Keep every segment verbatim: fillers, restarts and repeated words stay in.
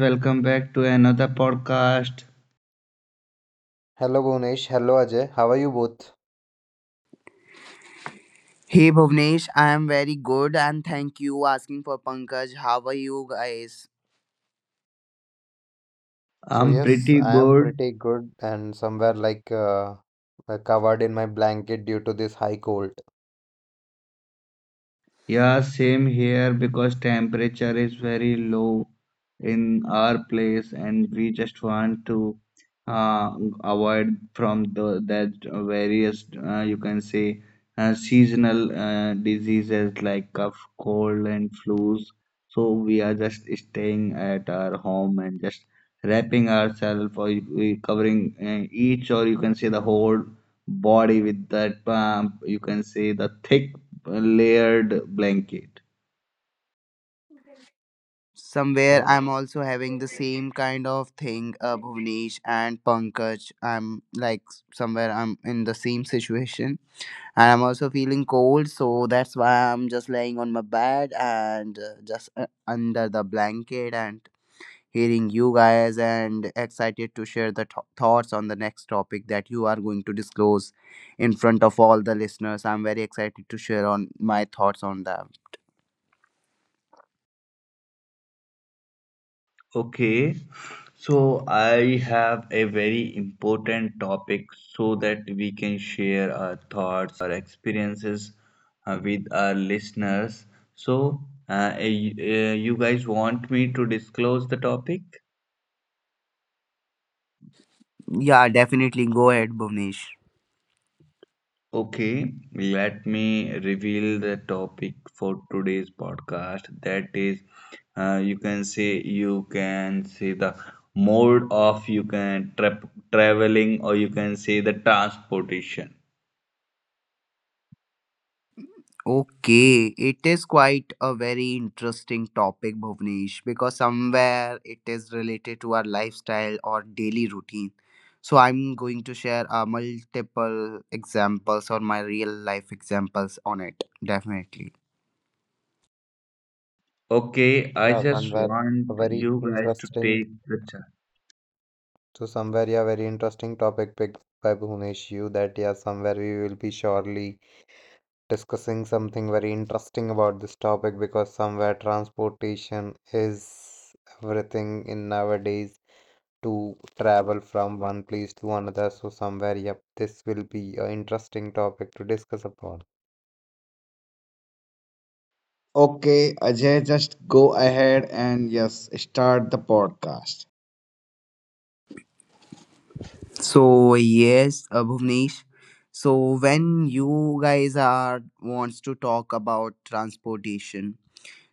welcome back to another podcast. Hello Bhunesh, hello Ajay. How are you both? Hey Bhuvnesh, I am very good and thank you asking for Pankaj. How are you guys? So I'm yes, pretty I am good. pretty good and somewhere like uh, uh, covered in my blanket due to this high cold. Yeah, same here, because temperature is very low in our place and we just want to uh, avoid from the that various uh, you can say uh, seasonal uh, diseases like cough, cold and flus. So we are just staying at our home and just wrapping ourselves, or we covering uh, each, or you can say the whole body, with that um, you can say the thick layered blanket. Somewhere Hmm? I'm also having the same kind of thing, uh, Bhuvnesh and Pankaj. I'm like somewhere I'm in the same situation and I'm also feeling cold, so that's why I'm just laying on my bed and uh, just uh, under the blanket and hearing you guys and excited to share the th- thoughts on the next topic that you are going to disclose in front of all the listeners. I'm very excited to share on my thoughts on that. Okay, so I have a very important topic so that we can share our thoughts, our experiences uh, with our listeners. So, uh, y- uh, you guys want me to disclose the topic? Yeah, definitely go ahead, Bhuvnesh. Okay, let me reveal the topic for today's podcast. That is, uh, you can say you can say the mode of you can tra- traveling, or you can say the transportation. Okay, it is quite a very interesting topic, Bhuvnesh, because somewhere it is related to our lifestyle or daily routine. So I'm going to share uh, multiple examples or my real life examples on it, definitely. Okay, I Yeah, just somewhere want very you guys to interesting. take the chance. So somewhere, yeah, very interesting topic picked by Bhunesh you, that yeah, somewhere we will be surely discussing something very interesting about this topic, because somewhere transportation is everything in nowadays to travel from one place to another. So somewhere, yep, this will be an interesting topic to discuss upon. Okay, Ajay, just go ahead and yes, start the podcast. So yes, uh, Bhuvnesh. So when you guys are wants to talk about transportation,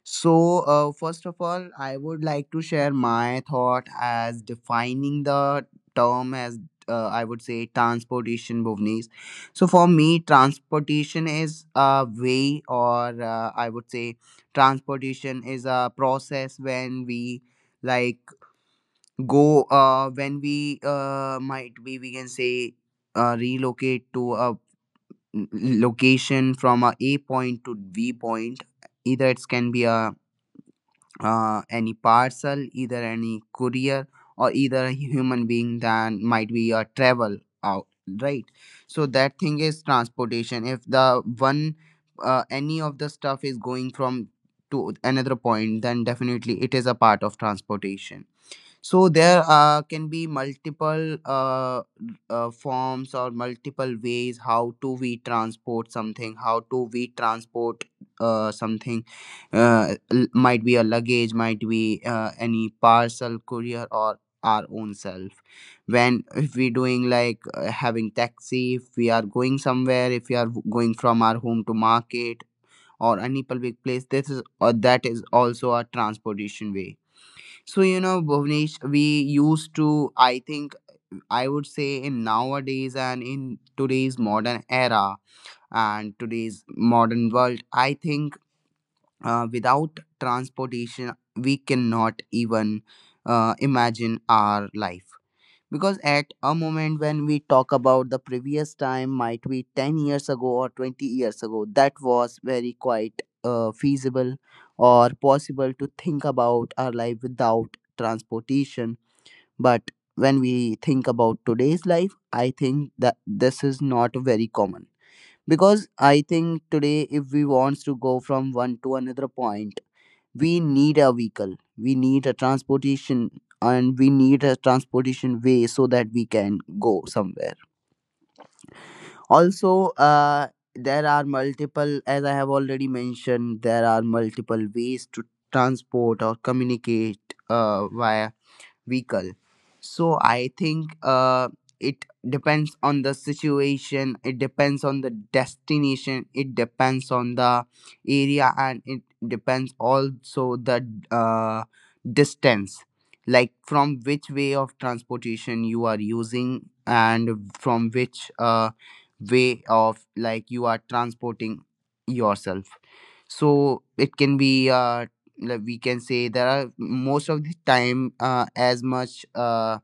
so uh, first of all, I would like to share my thought as defining the term as uh, I would say transportation, Bhuvnesh. So for me, transportation is a way, or uh, I would say transportation is a process when we like go uh when we uh might be we can say uh relocate to a n- location from a a point to b point, either it can be a uh any parcel, either any courier, or either a human being that might be a travel out, right? So that thing is transportation. If the one uh, any of the stuff is going from to another point, then definitely it is a part of transportation. So there uh, can be multiple uh, uh, forms or multiple ways how to we transport something, how to we transport uh, something. Uh, l- might be a luggage, might be uh, any parcel courier or our own self. When if we doing like uh, having taxi, if we are going somewhere, if we are w- going from our home to market or any public place, this is or that is also a transportation way. So, you know, Bhuvnesh, we used to, I think, I would say in nowadays and in today's modern era and today's modern world, I think uh, without transportation, we cannot even uh, imagine our life. Because at a moment when we talk about the previous time, might be ten years ago or twenty years ago, that was very quite uh, feasible or possible to think about our life without transportation, but when we think about today's life, I think that this is not very common. Because I think today, if we wants to go from one to another point, we need a vehicle, we need a transportation, and we need a transportation way so that we can go somewhere. Also, uh, there are multiple, as I have already mentioned, there are multiple ways to transport or communicate uh, via vehicle. So I think uh, it depends on the situation, it depends on the destination, it depends on the area, and it depends also the uh, distance, like from which way of transportation you are using and from which uh, way of like you are transporting yourself. So it can be uh like we can say there are most of the time uh, as much uh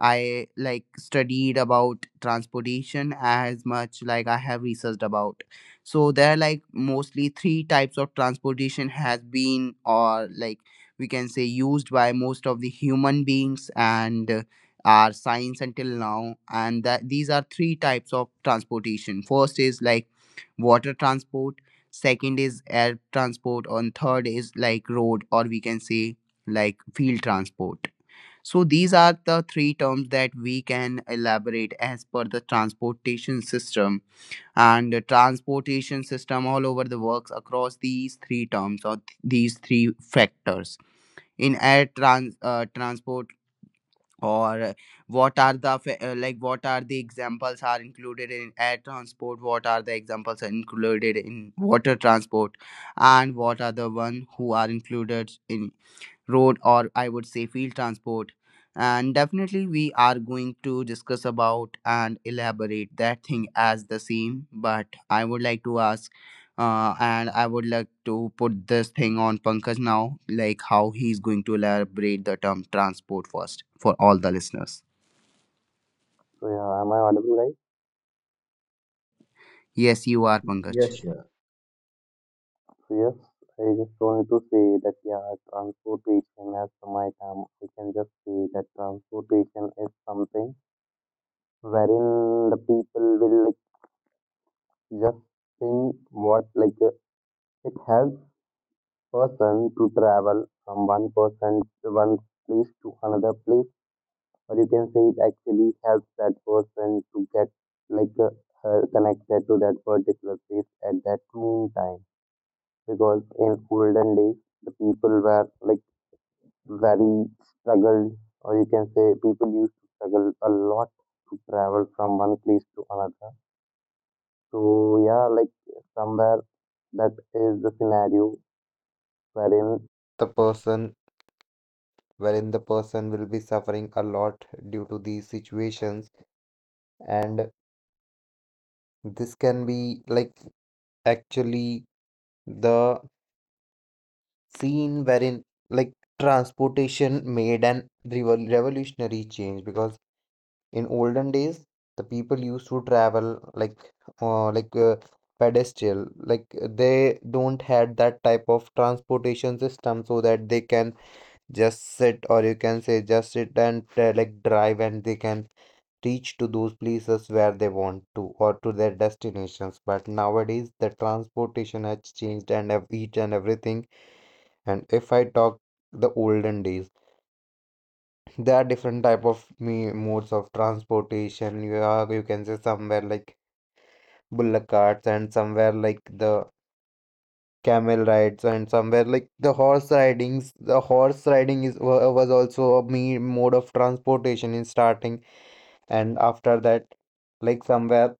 I like studied about transportation, as much like I have researched about. So there are like mostly three types of transportation has been or like we can say used by most of the human beings and uh, our science until now, and that these are three types of transportation. First is like water transport, second is air transport, and third is like road or we can say like field transport. So these are the three terms that we can elaborate as per the transportation system, and the transportation system all over the works across these three terms or th- these three factors in air trans- uh, transport, or what are the fa- uh, like what are the examples are included in air transport, what are the examples are included in water transport, and what are the one who are included in road or I would say field transport. And definitely we are going to discuss about and elaborate that thing as the same, but I would like to ask uh, and I would like to put this thing on Pankaj now, like how he's going to elaborate the term transport first for all the listeners. So yeah, am I audible, right? Yes, you are Pankaj. Yes, yes. So yes, I just wanted to say that yeah, transportation as per my term, I can just say that transportation is something wherein the people will like just think what, like uh, it helps person to travel from one person one place to another place, or you can say it actually helps that person to get like uh, uh, connected to that particular place at that noon time, because in olden days the people were like very struggled, or you can say people used to struggle a lot to travel from one place to another. So yeah, like somewhere that is the scenario wherein the person wherein the person will be suffering a lot due to these situations, and this can be like actually the scene wherein like transportation made an revol- revolutionary change, because in olden days the people used to travel like uh, like uh, pedestrian, like they don't had that type of transportation system so that they can just sit, or you can say just sit and uh, like drive and they can reach to those places where they want to, or to their destinations. But nowadays, the transportation has changed and ev- each and everything. And if I talk the olden days, there are different type of me modes of transportation. You are you can say somewhere like bullock carts, and somewhere like the camel rides, and somewhere like the horse ridings the horse riding is wa- was also a me mode of transportation in starting, and after that like somewhere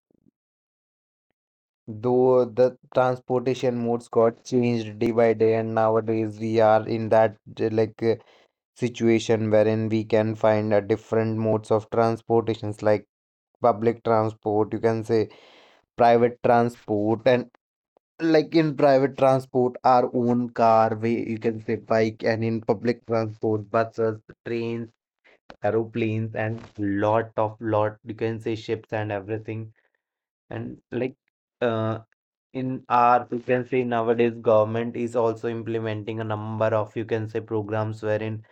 though the transportation modes got changed day by day, and nowadays we are in that uh, like uh, situation wherein we can find uh, different modes of transportations like public transport, you can say private transport, and like in private transport, our own car, we you can say bike, and in public transport, buses, trains, aeroplanes, and lot of lot you can say ships and everything. And like uh, in our, you can say nowadays, government is also implementing a number of, you can say, programs wherein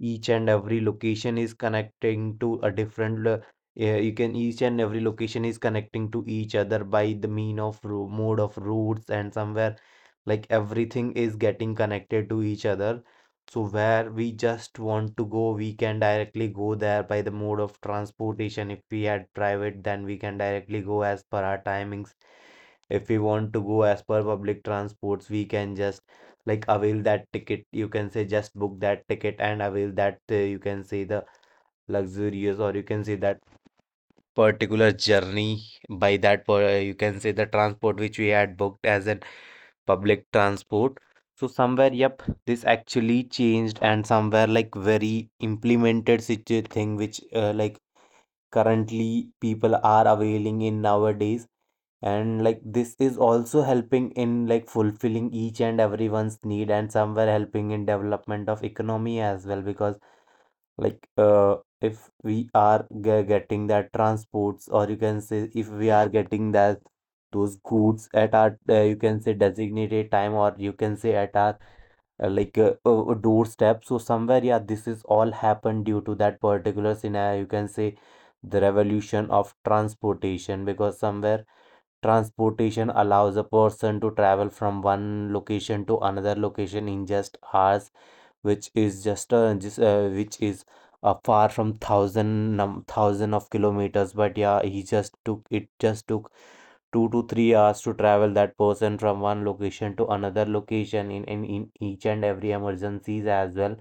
each and every location is connecting to a different lo- yeah, you can each and every location is connecting to each other by the mean of ro- mode of routes, and somewhere like everything is getting connected to each other, so where we just want to go we can directly go there by the mode of transportation. If we had private, then we can directly go as per our timings. If we want to go as per public transports, we can just like avail that ticket, you can say just book that ticket and avail that uh, you can say the luxurious, or you can say that particular journey by that per- uh, you can say the transport which we had booked as an public transport. So somewhere, yep, this actually changed, and somewhere like very implemented such a thing which uh, like currently people are availing in nowadays, and like this is also helping in like fulfilling each and everyone's need, and somewhere helping in development of economy as well, because like uh, if we are ge- getting that transports, or you can say if we are getting that those goods at our uh, you can say designated time, or you can say at our uh, like uh, a, a doorstep. So somewhere, yeah, this is all happened due to that particular scenario, you can say the revolution of transportation, because somewhere transportation allows a person to travel from one location to another location in just hours, which is just uh, just uh, which is uh, far from thousand num thousand of kilometers. But yeah, he just took it just took two to three hours to travel that person from one location to another location in in, in each and every emergencies as well.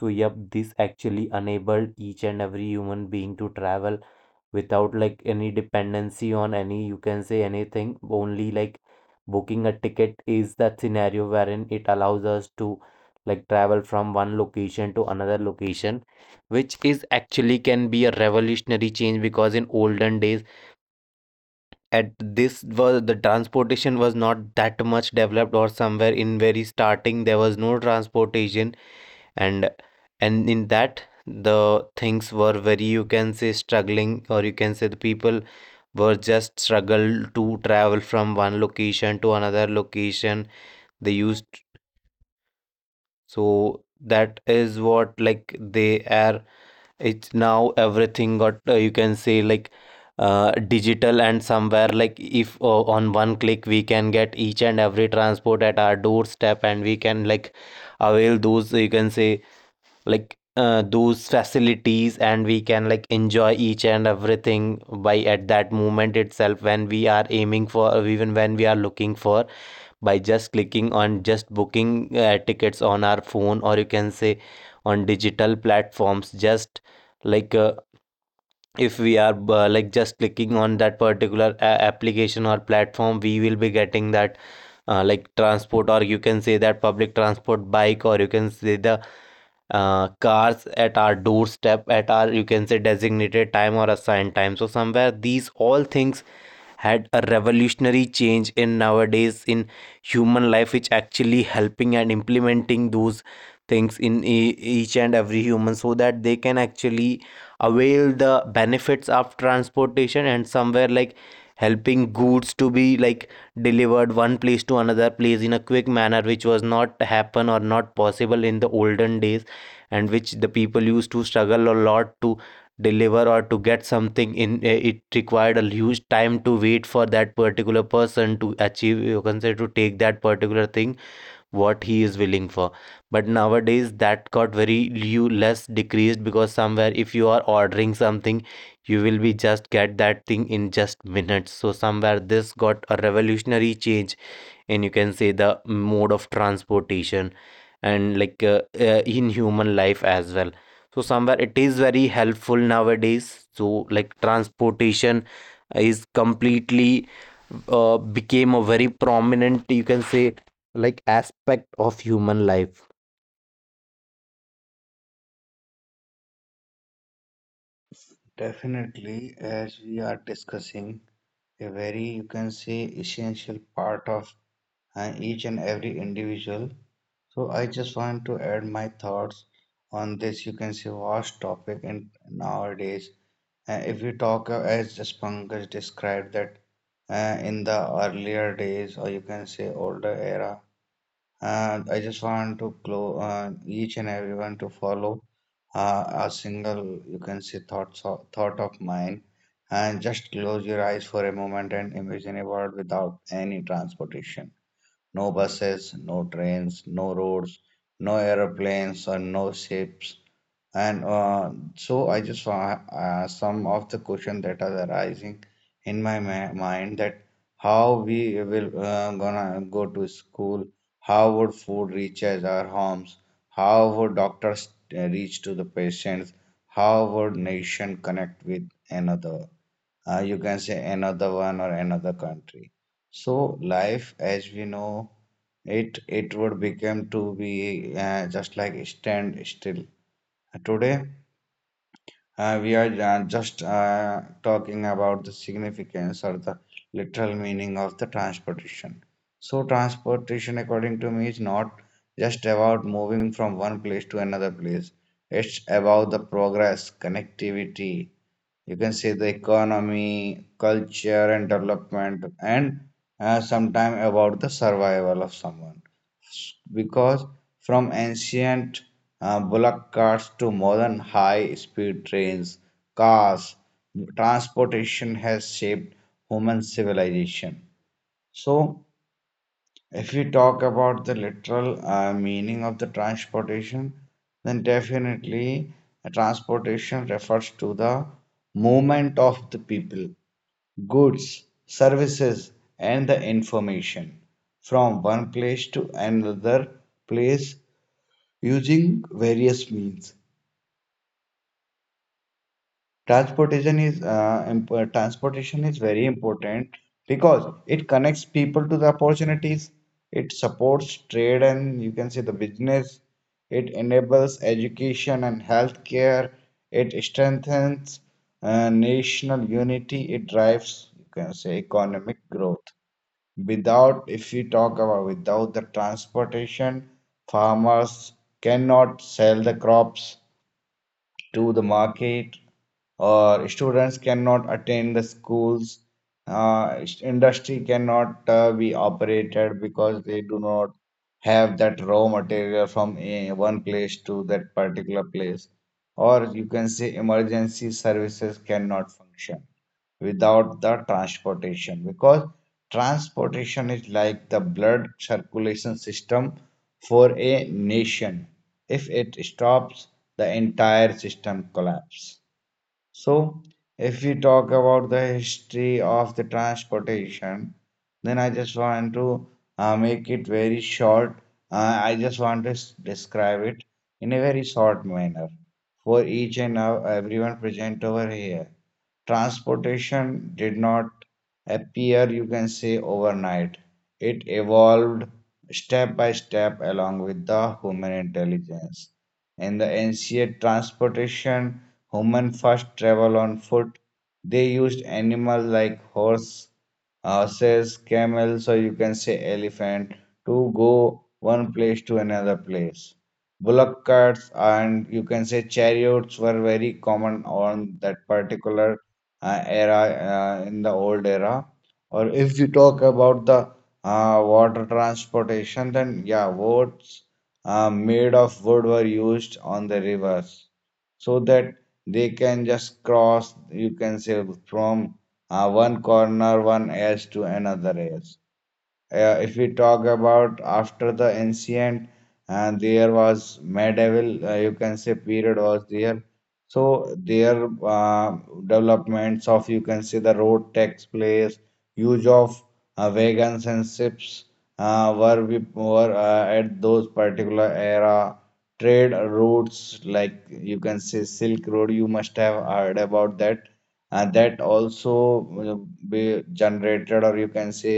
So yep, this actually enabled each and every human being to travel without like any dependency on any, you can say, anything, only like booking a ticket is that scenario wherein it allows us to like travel from one location to another location, which is actually can be a revolutionary change, because in olden days at this was the transportation was not that much developed, or somewhere in very starting there was no transportation, and and in that the things were very, you can say, struggling, or you can say the people were just struggle to travel from one location to another location they used. So that is what, like they are, it's now everything got uh, you can say like uh, digital, and somewhere like if uh, on one click we can get each and every transport at our doorstep, and we can like avail those, you can say like uh, those facilities, and we can like enjoy each and everything by at that moment itself when we are aiming for, or even when we are looking for, by just clicking on, just booking uh, tickets on our phone, or you can say on digital platforms, just like uh, if we are uh, like just clicking on that particular a- application or platform, we will be getting that uh, like transport, or you can say that public transport bike, or you can say the uh, cars at our doorstep at our, you can say, designated time or assigned time. So somewhere these all things had a revolutionary change in nowadays in human life, which actually helping and implementing those things in e- each and every human, so that they can actually avail the benefits of transportation, and somewhere like helping goods to be like delivered one place to another place in a quick manner, which was not happen or not possible in the olden days, and which the people used to struggle a lot to deliver or to get something in eh, it required a huge time to wait for that particular person to achieve, you can say, to take that particular thing what he is willing for. But nowadays that got very you less decreased, because somewhere if you are ordering something you will be just get that thing in just minutes. So somewhere this got a revolutionary change, and you can say the mode of transportation, and like uh, uh, in human life as well. So somewhere it is very helpful nowadays, so like transportation is completely uh, became a very prominent, you can say like, aspect of human life. Definitely, as we are discussing a very, you can say, essential part of uh, each and every individual, so I just want to add my thoughts on this, you can say, vast topic in nowadays. Uh, if you talk, uh, as just Pankaj described, that uh, in the earlier days, or you can say older era, and I just want to close uh, each and everyone to follow uh, a single, you can say, thought so- thought of mine, and just close your eyes for a moment and imagine a world without any transportation. No buses, no trains, no roads, no airplanes, or no ships. And uh, so I just wa- uh, some of the questions that are arising in my ma- mind, that how we will uh, gonna go to school, how would food reach us our homes, how would doctors uh, reach to the patients, how would nation connect with another, uh, you can say, another one or another country. So life, as we know it it would become to be uh, just like stand still. Today uh, we are uh, just uh, talking about the significance or the literal meaning of the transportation. So transportation, according to me, is not just about moving from one place to another place. It's about the progress, connectivity. You can say the economy, culture, and development, and uh, sometime about the survival of someone, because from ancient uh, bullock carts to modern high-speed trains, cars, transportation has shaped human civilization. So, if we talk about the literal uh, meaning of the transportation, then definitely uh, transportation refers to the movement of the people, goods, services, and the information from one place to another place using various means. Transportation is uh, imp- uh, transportation is very important, because it connects people to the opportunities. It supports trade and, you can say, the business. It enables education and healthcare. It strengthens uh, national unity. It drives, you can say, economic growth. Without, if we talk about without the transportation, farmers cannot sell the crops to the market, or students cannot attend the schools, uh, industry cannot uh, be operated because they do not have that raw material from a, one place to that particular place, or you can say, emergency services cannot function without the transportation, because transportation is like the blood circulation system for a nation. If it stops, the entire system collapses. So, if we talk about the history of the transportation, then I just want to uh, make it very short. Uh, I just want to s- describe it in a very short manner for each and ev- everyone present over here. Transportation did not appear, you can say, overnight. It evolved step by step along with the human intelligence. And the ancient transportation, human first travel on foot. They used animals like horse, horses, camels, or you can say elephant to go one place to another place. Bullock carts and, you can say, chariots were very common on that particular uh, era, uh, in the old era. Or if you talk about the uh, water transportation, then yeah, boats uh, made of wood were used on the rivers, so that they can just cross, you can say, from uh, one corner, one edge to another edge. Uh, if we talk about, after the ancient, and there was medieval, uh, you can say period was there, so their uh, developments of, you can say, the road takes place, use of uh, wagons and ships, uh, were we were uh, at those particular era, trade routes like, you can say, silk road, you must have heard about that, and that also uh, be generated, or you can say,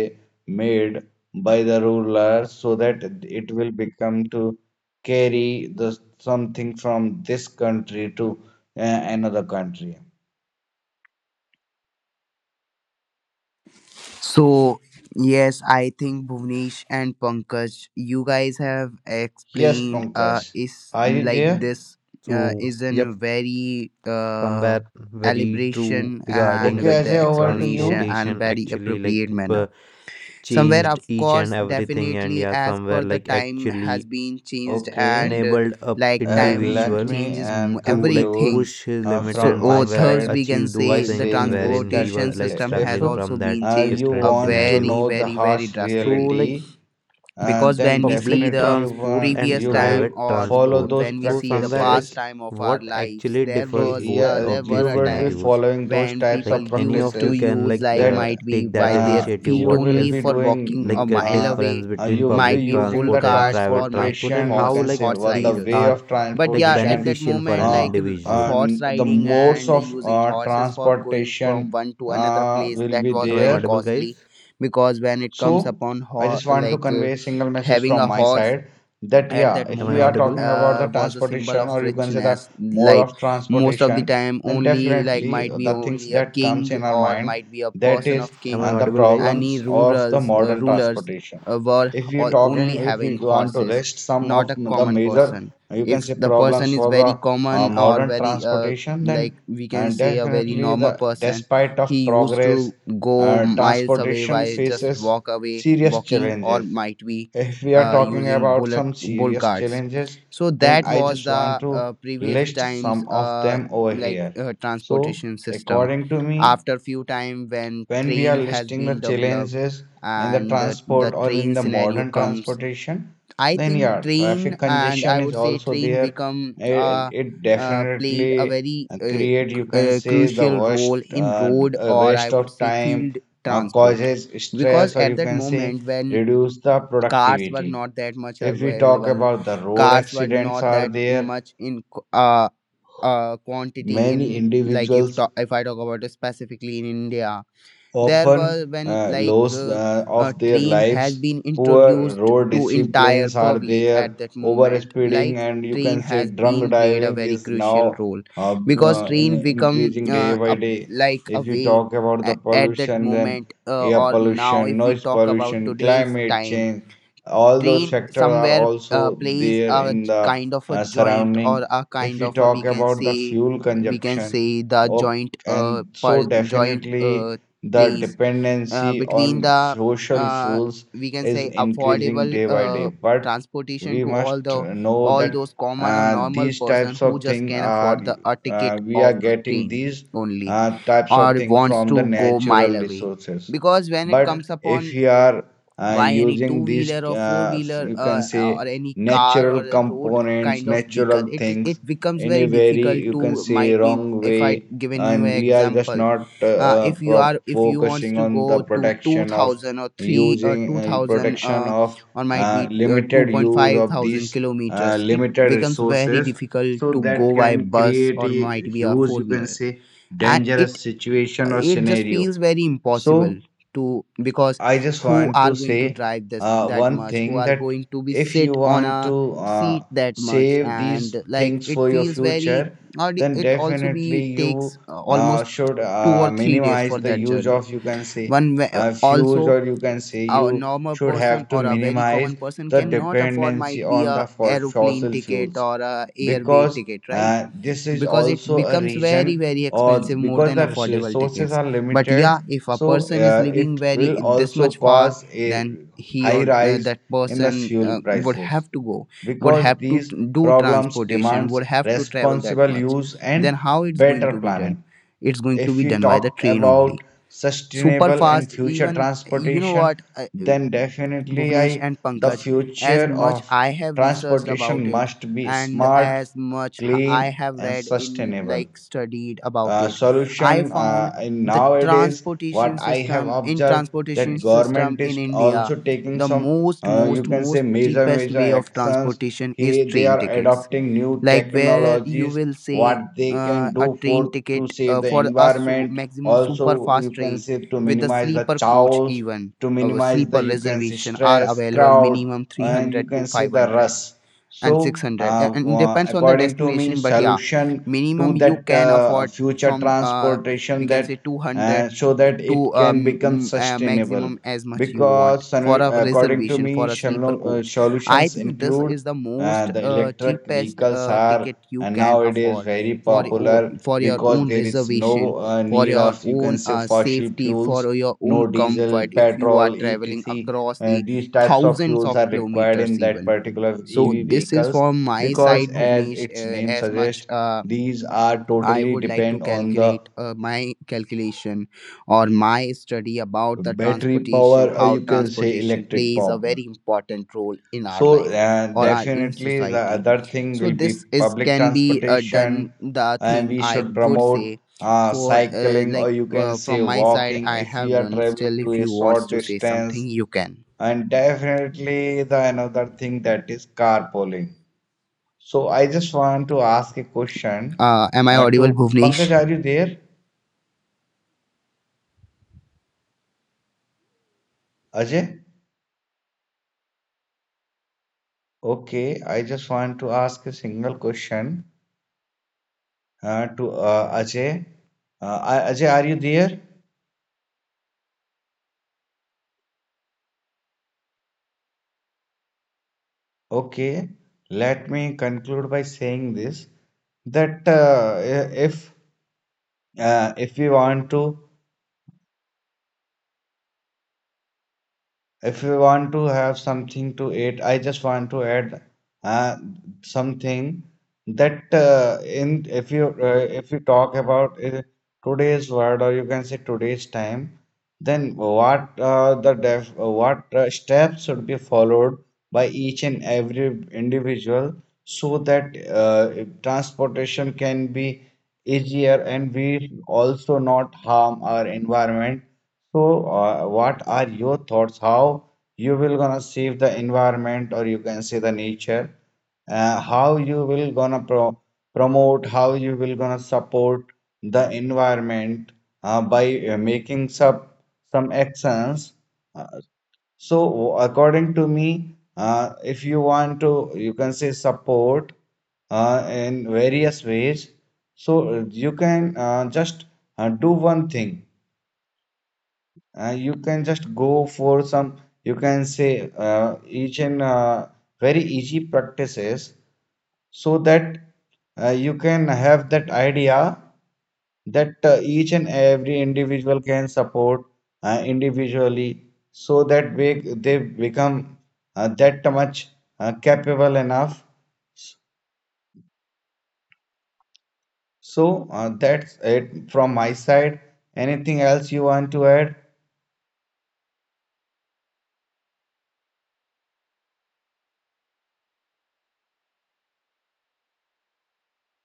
made by the ruler, so that it will become to carry the something from this country to uh, another country. So, yes, I think Bhuvnesh and Pankaj, you guys have Yes, explained Pankaj, uh is are you like there? this uh, So is a yep, very uh somewhere very true elaboration and regarding Okay, that with the Ajay, over to you. explanation and transportation very actually like appropriate uh, manner. Somewhere, changed of each and course, everything, and definitely yeah as somewhere per the like time has actually been changed Okay. and uh, enabled a like Uh, time Let individual me changes m- and to like conclude everything, push his uh, limits, so from and my or somewhere like thus side we can achieve those by say the things saying this, wherein he that transportation was uh, like system if has struggling from also been that uh, changed you a different want to very scenarios. know the very very harsh So drastically. like reality, uh, Because then when we public see definitely the you transport want and previous you will time private or w- follow transport, those when we so see the somewhere past practices. like time of our what lives, actually there Okay, differs was both uh, yeah, there of were you these a would be time scenarios, following those when types people of like any used of you to practices can use like like uh, that might be take that by their uh, initiative, feet you what will only be is for walking a like doing. a mile Uh, difference away, uh, between You will be might public be using bull the transport and carts or private might be transport, and transportation. You how horse can say like horse what the these way riders. are of But like yeah, at transportation, that beneficial for moment an uh, like r- individual. horse and the riding modes and of using uh, horses for going from transportation one to another uh, place, will that be was Am I very there. audible, guys? costly, because when it comes So upon I ho- just want to like uh, convey a single message having from a my horse side, that at yeah, that if Am I we are moment audible? talking about the uh, was a symbol transportation, of or you can say the richness. mode Like of most of the transportation, time then only, like definitely might be the things only a that comes king in our or mind, might be a that person is, of Am I king uh, the audible, guys? any problems of the rurals uh, modern rulers transportation. uh, were If you ho- only talking, if having you want to horses, list some not of a the common major, person. you can If say, the problems person is very for the uh, common or modern very uh, transportation, then, like we can and say a very definitely, the normal person, despite of he used progress, to go uh, miles away transportation by just faces walk away serious walking or challenges. might be If we are uh, talking using about bullet some bull serious carts. challenges, So then that I was just want the to uh, previous list times some of uh, them over like here. uh, So, transportation system. according to me, After few time when when we are train has listing the been developed challenges in the and uh, transport the or in train the scenario modern comes, transportation, I then think yeah, train traffic and I congestion is would say also train there. become it, uh, it uh, played a definitely very uh, uh, c- create, you can uh, say, the crucial worst role in uh, road uh, or I waste would of say time, field uh, transport. causes Because stress, or at you that can say moment when reduce the cars were productivity. not that much If we talk available, about the road cars were accidents not are that there, much in qu- uh, uh quantity many in, like if individuals ta- if I talk about it specifically in India, there often was when uh, like loss uh, uh, a of their train has lives. been Poor introduced road to entire disciplines are public, there, at that over moment speeding, like and you train can say has drunk been played a driving very is crucial now role uh, because uh, train in- become increasing day uh, by a, day. like a If you way talk about the a- at that pollution, then moment uh, air or now pollution, if we noise talk about pollution, today's climate time, change, all those train factors are somewhere uh, also plays there a in j- the kind of a uh, joint surrounding. or a If kind you of a talk we can about the say fuel we can consumption, say the oh, joint uh and so per, joint definitely uh the place uh, dependency between on the social uh fuels we can is say increasing affordable day by day. uh But transportation we to all must the know all that those common or uh, normal these person types who of just thing can afford are the a uh, ticket we are of getting train these only uh, types of or thing wants from the to go mile natural away. resources. Because when it But comes if upon you are uh, why any two using wheeler these, or four uh, wheeler you can uh, say, or any car or natural a road components, kind of vehicle, natural it things it becomes in a very very, difficult you can to, say, might be wrong if I way, given you and an we are just example, not uh, uh, uh, if you pro- are if you wants focusing to on go the to protection of two thousand or three or using, uh, two thousand protection uh, of, or might uh, be uh, limited use two point five of thousand these, uh, kilometers, it limited becomes very resources. difficult So to that go by can bus create or a might be a huge, four you can wheeler, say, and it dangerous situation or it just scenario. feels very impossible So to, because I just who want to are going to say drive this uh, that one much, who thing, are that going to be if you sit on want a to uh, seat that much, save these and like things it for your feels very future, or the- then it also definitely be you takes uh, uh, almost should two or uh, three days minimize for the that use journey of, you can say, one way- uh, uh, fuse, Also or you can say a you normal should person have to or a very minimize common person the cannot afford, dependency might be on a the fo- aeroplane fossil ticket fuels, or a airway because ticket, right? uh, this is Because it also a becomes very region, very or expensive, more because than the res- affordable resources tickets. are But limited, yeah, if a so person is uh, living it will very this also much far, cause a then he high or uh, rise that in the person fuel uh, would prices, have to go, would because have to these t- do problems transportation, demands would have to travel that responsible much, use then and how it's going better to be done? planning. It's going to If be we done by the talk train only, about super sustainable and fast. future Even you know transportation, what then definitely, Bhuvnesh I and the Pankaj, as future much of I have researched about transportation it must be and smart, as much h- I clean have and read in sustainable like studied about uh, it, I solution. uh, found In the nowadays, what transportation I have system in observed, transportation that system government is in India, also taking the some, most uh, you most can say, most major cheapest major way of actions. transportation he is they train are tickets. adopting new Like where you technologies, will say what they uh, can do a for train to ticket save uh, the for a su- environment, maximum also, super you fast can train say, to with the minimize the sleeper coach, chaos, even to our minimize the, sleeper you can see, reservation are stress, available crowd, minimum and you three hundred can to see the 500 rush. and So 600 A- uh, and uh, depends on the according to me, destination. But yeah, solution to minimum you that can uh, afford future from uh transportation, we can that say two hundred uh, so to, that it to um can become m- uh, sustainable. maximum as much you want Because for solu- a according to reservation me, for a sleeper shalo- uh, coach. I solutions think this include, is the uh, most the uh, electric cheapest vehicles uh, are, ticket uh, you can nowadays, afford very for your popular, for your because own there is reservation, no uh, for need your of, you can own say, uh, fossil safety, fuels, for your no own diesel, comfort, if you are petrol, traveling et cetera. across Uh, the These types of thousands fuels of are required in kilometers that even. particular So E V this is vehicles, from my because, side, as Bhuvnesh. its Uh, name As much suggests, uh, these are I totally would like to depend on the calculate uh, my calculation or my study about the battery transportation, power, or how you can say transportation electric plays a power. very important role in our So, life uh, or our in definitely the society. other thing So will be this is public can be uh, done. transportation, The and thing we I should would promote say uh, for uh, cycling, or like you can uh, say from my side, walking, I if we have are done. traveling Still, to if a you wants short to say something, distance. you can. And definitely the another thing, that is carpooling. So I just want to ask a question Uh, am I uh, audible, to Bhuvnesh? Pankaj, are you there? Ajay? Okay, I just want to ask a single question uh, to uh, Ajay. Uh, I- Ajay, are you there? Okay, let me conclude by saying this that uh, if uh, if we want to if you want to have something to eat, I just want to add uh, something that uh, in if you uh, if you talk about uh, today's world or you can say today's time, then what uh, the def uh, what uh, steps should be followed by each and every individual so that uh, transportation can be easier and we also not harm our environment so, uh, what are your thoughts? How you will gonna save the environment, or you can say the nature? Uh, how you will gonna pro promote? How you will gonna support the environment uh, by uh, making some some actions? Uh, so, according to me, uh, if you want to, you can say support uh, in various ways. So uh, you can uh, just uh, do one thing uh, you can just go for some you can say uh, each and uh, very easy practices so that uh, you can have that idea that uh, each and every individual can support uh, individually so that they, they become uh, that much uh, capable enough so uh, that's it from my side. Anything else you want to add?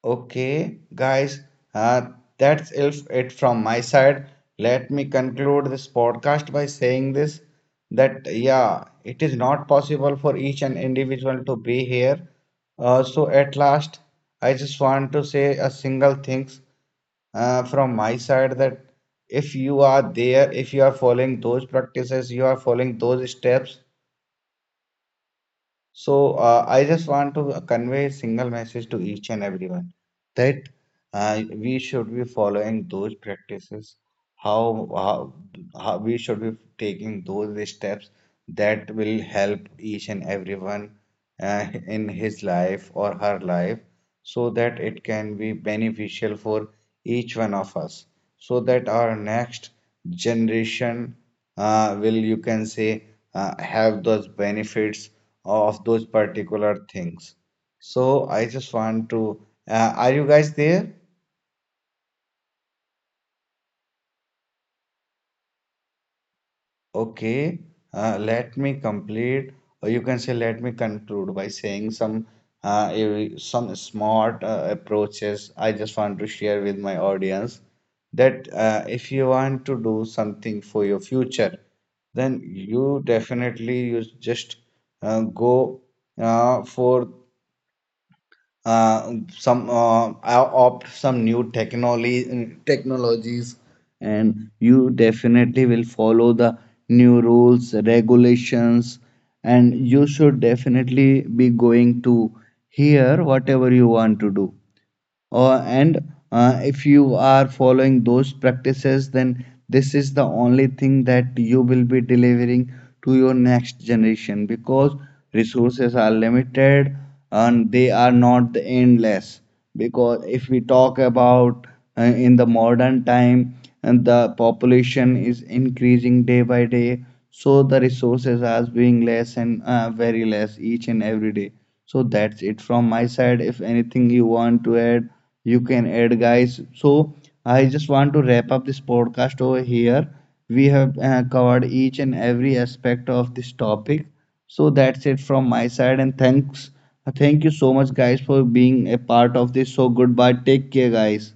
Okay, guys, uh, that's if it from my side. Let me conclude this podcast by saying this that, yeah, it is not possible for each and individual to be here. Uh, so, at last, I just want to say a single things. Uh, from my side that if you are there, if you are following those practices, you are following those steps, so uh, I just want to convey a single message to each and everyone that uh, we should be following those practices. How, how how we should be taking those steps that will help each and everyone uh, in his life or her life, so that it can be beneficial for each one of us, so that our next generation uh, will you can say uh, have those benefits of those particular things. So I just want to, uh, are you guys there? Okay, uh, let me complete, or you can say, let me conclude by saying some uh, a- some smart uh, approaches. I just want to share with my audience that uh, if you want to do something for your future, then you definitely you just uh, go uh, for uh, some uh, I opt some new technology technologies and you definitely will follow the new rules regulations and you should definitely be going to hear whatever you want to do uh, and uh, if you are following those practices then this is the only thing that you will be delivering to your next generation because resources are limited and they are not endless because if we talk about uh, in the modern time and the population is increasing day by day so the resources are being less and uh, very less each and every day so that's it from my side. If anything you want to add, you can add, guys. So I just want to wrap up this podcast over here. We have uh, covered each and every aspect of this topic. So that's it from my side. And thanks, thank you so much, guys, for being a part of this. So goodbye. Take care, guys.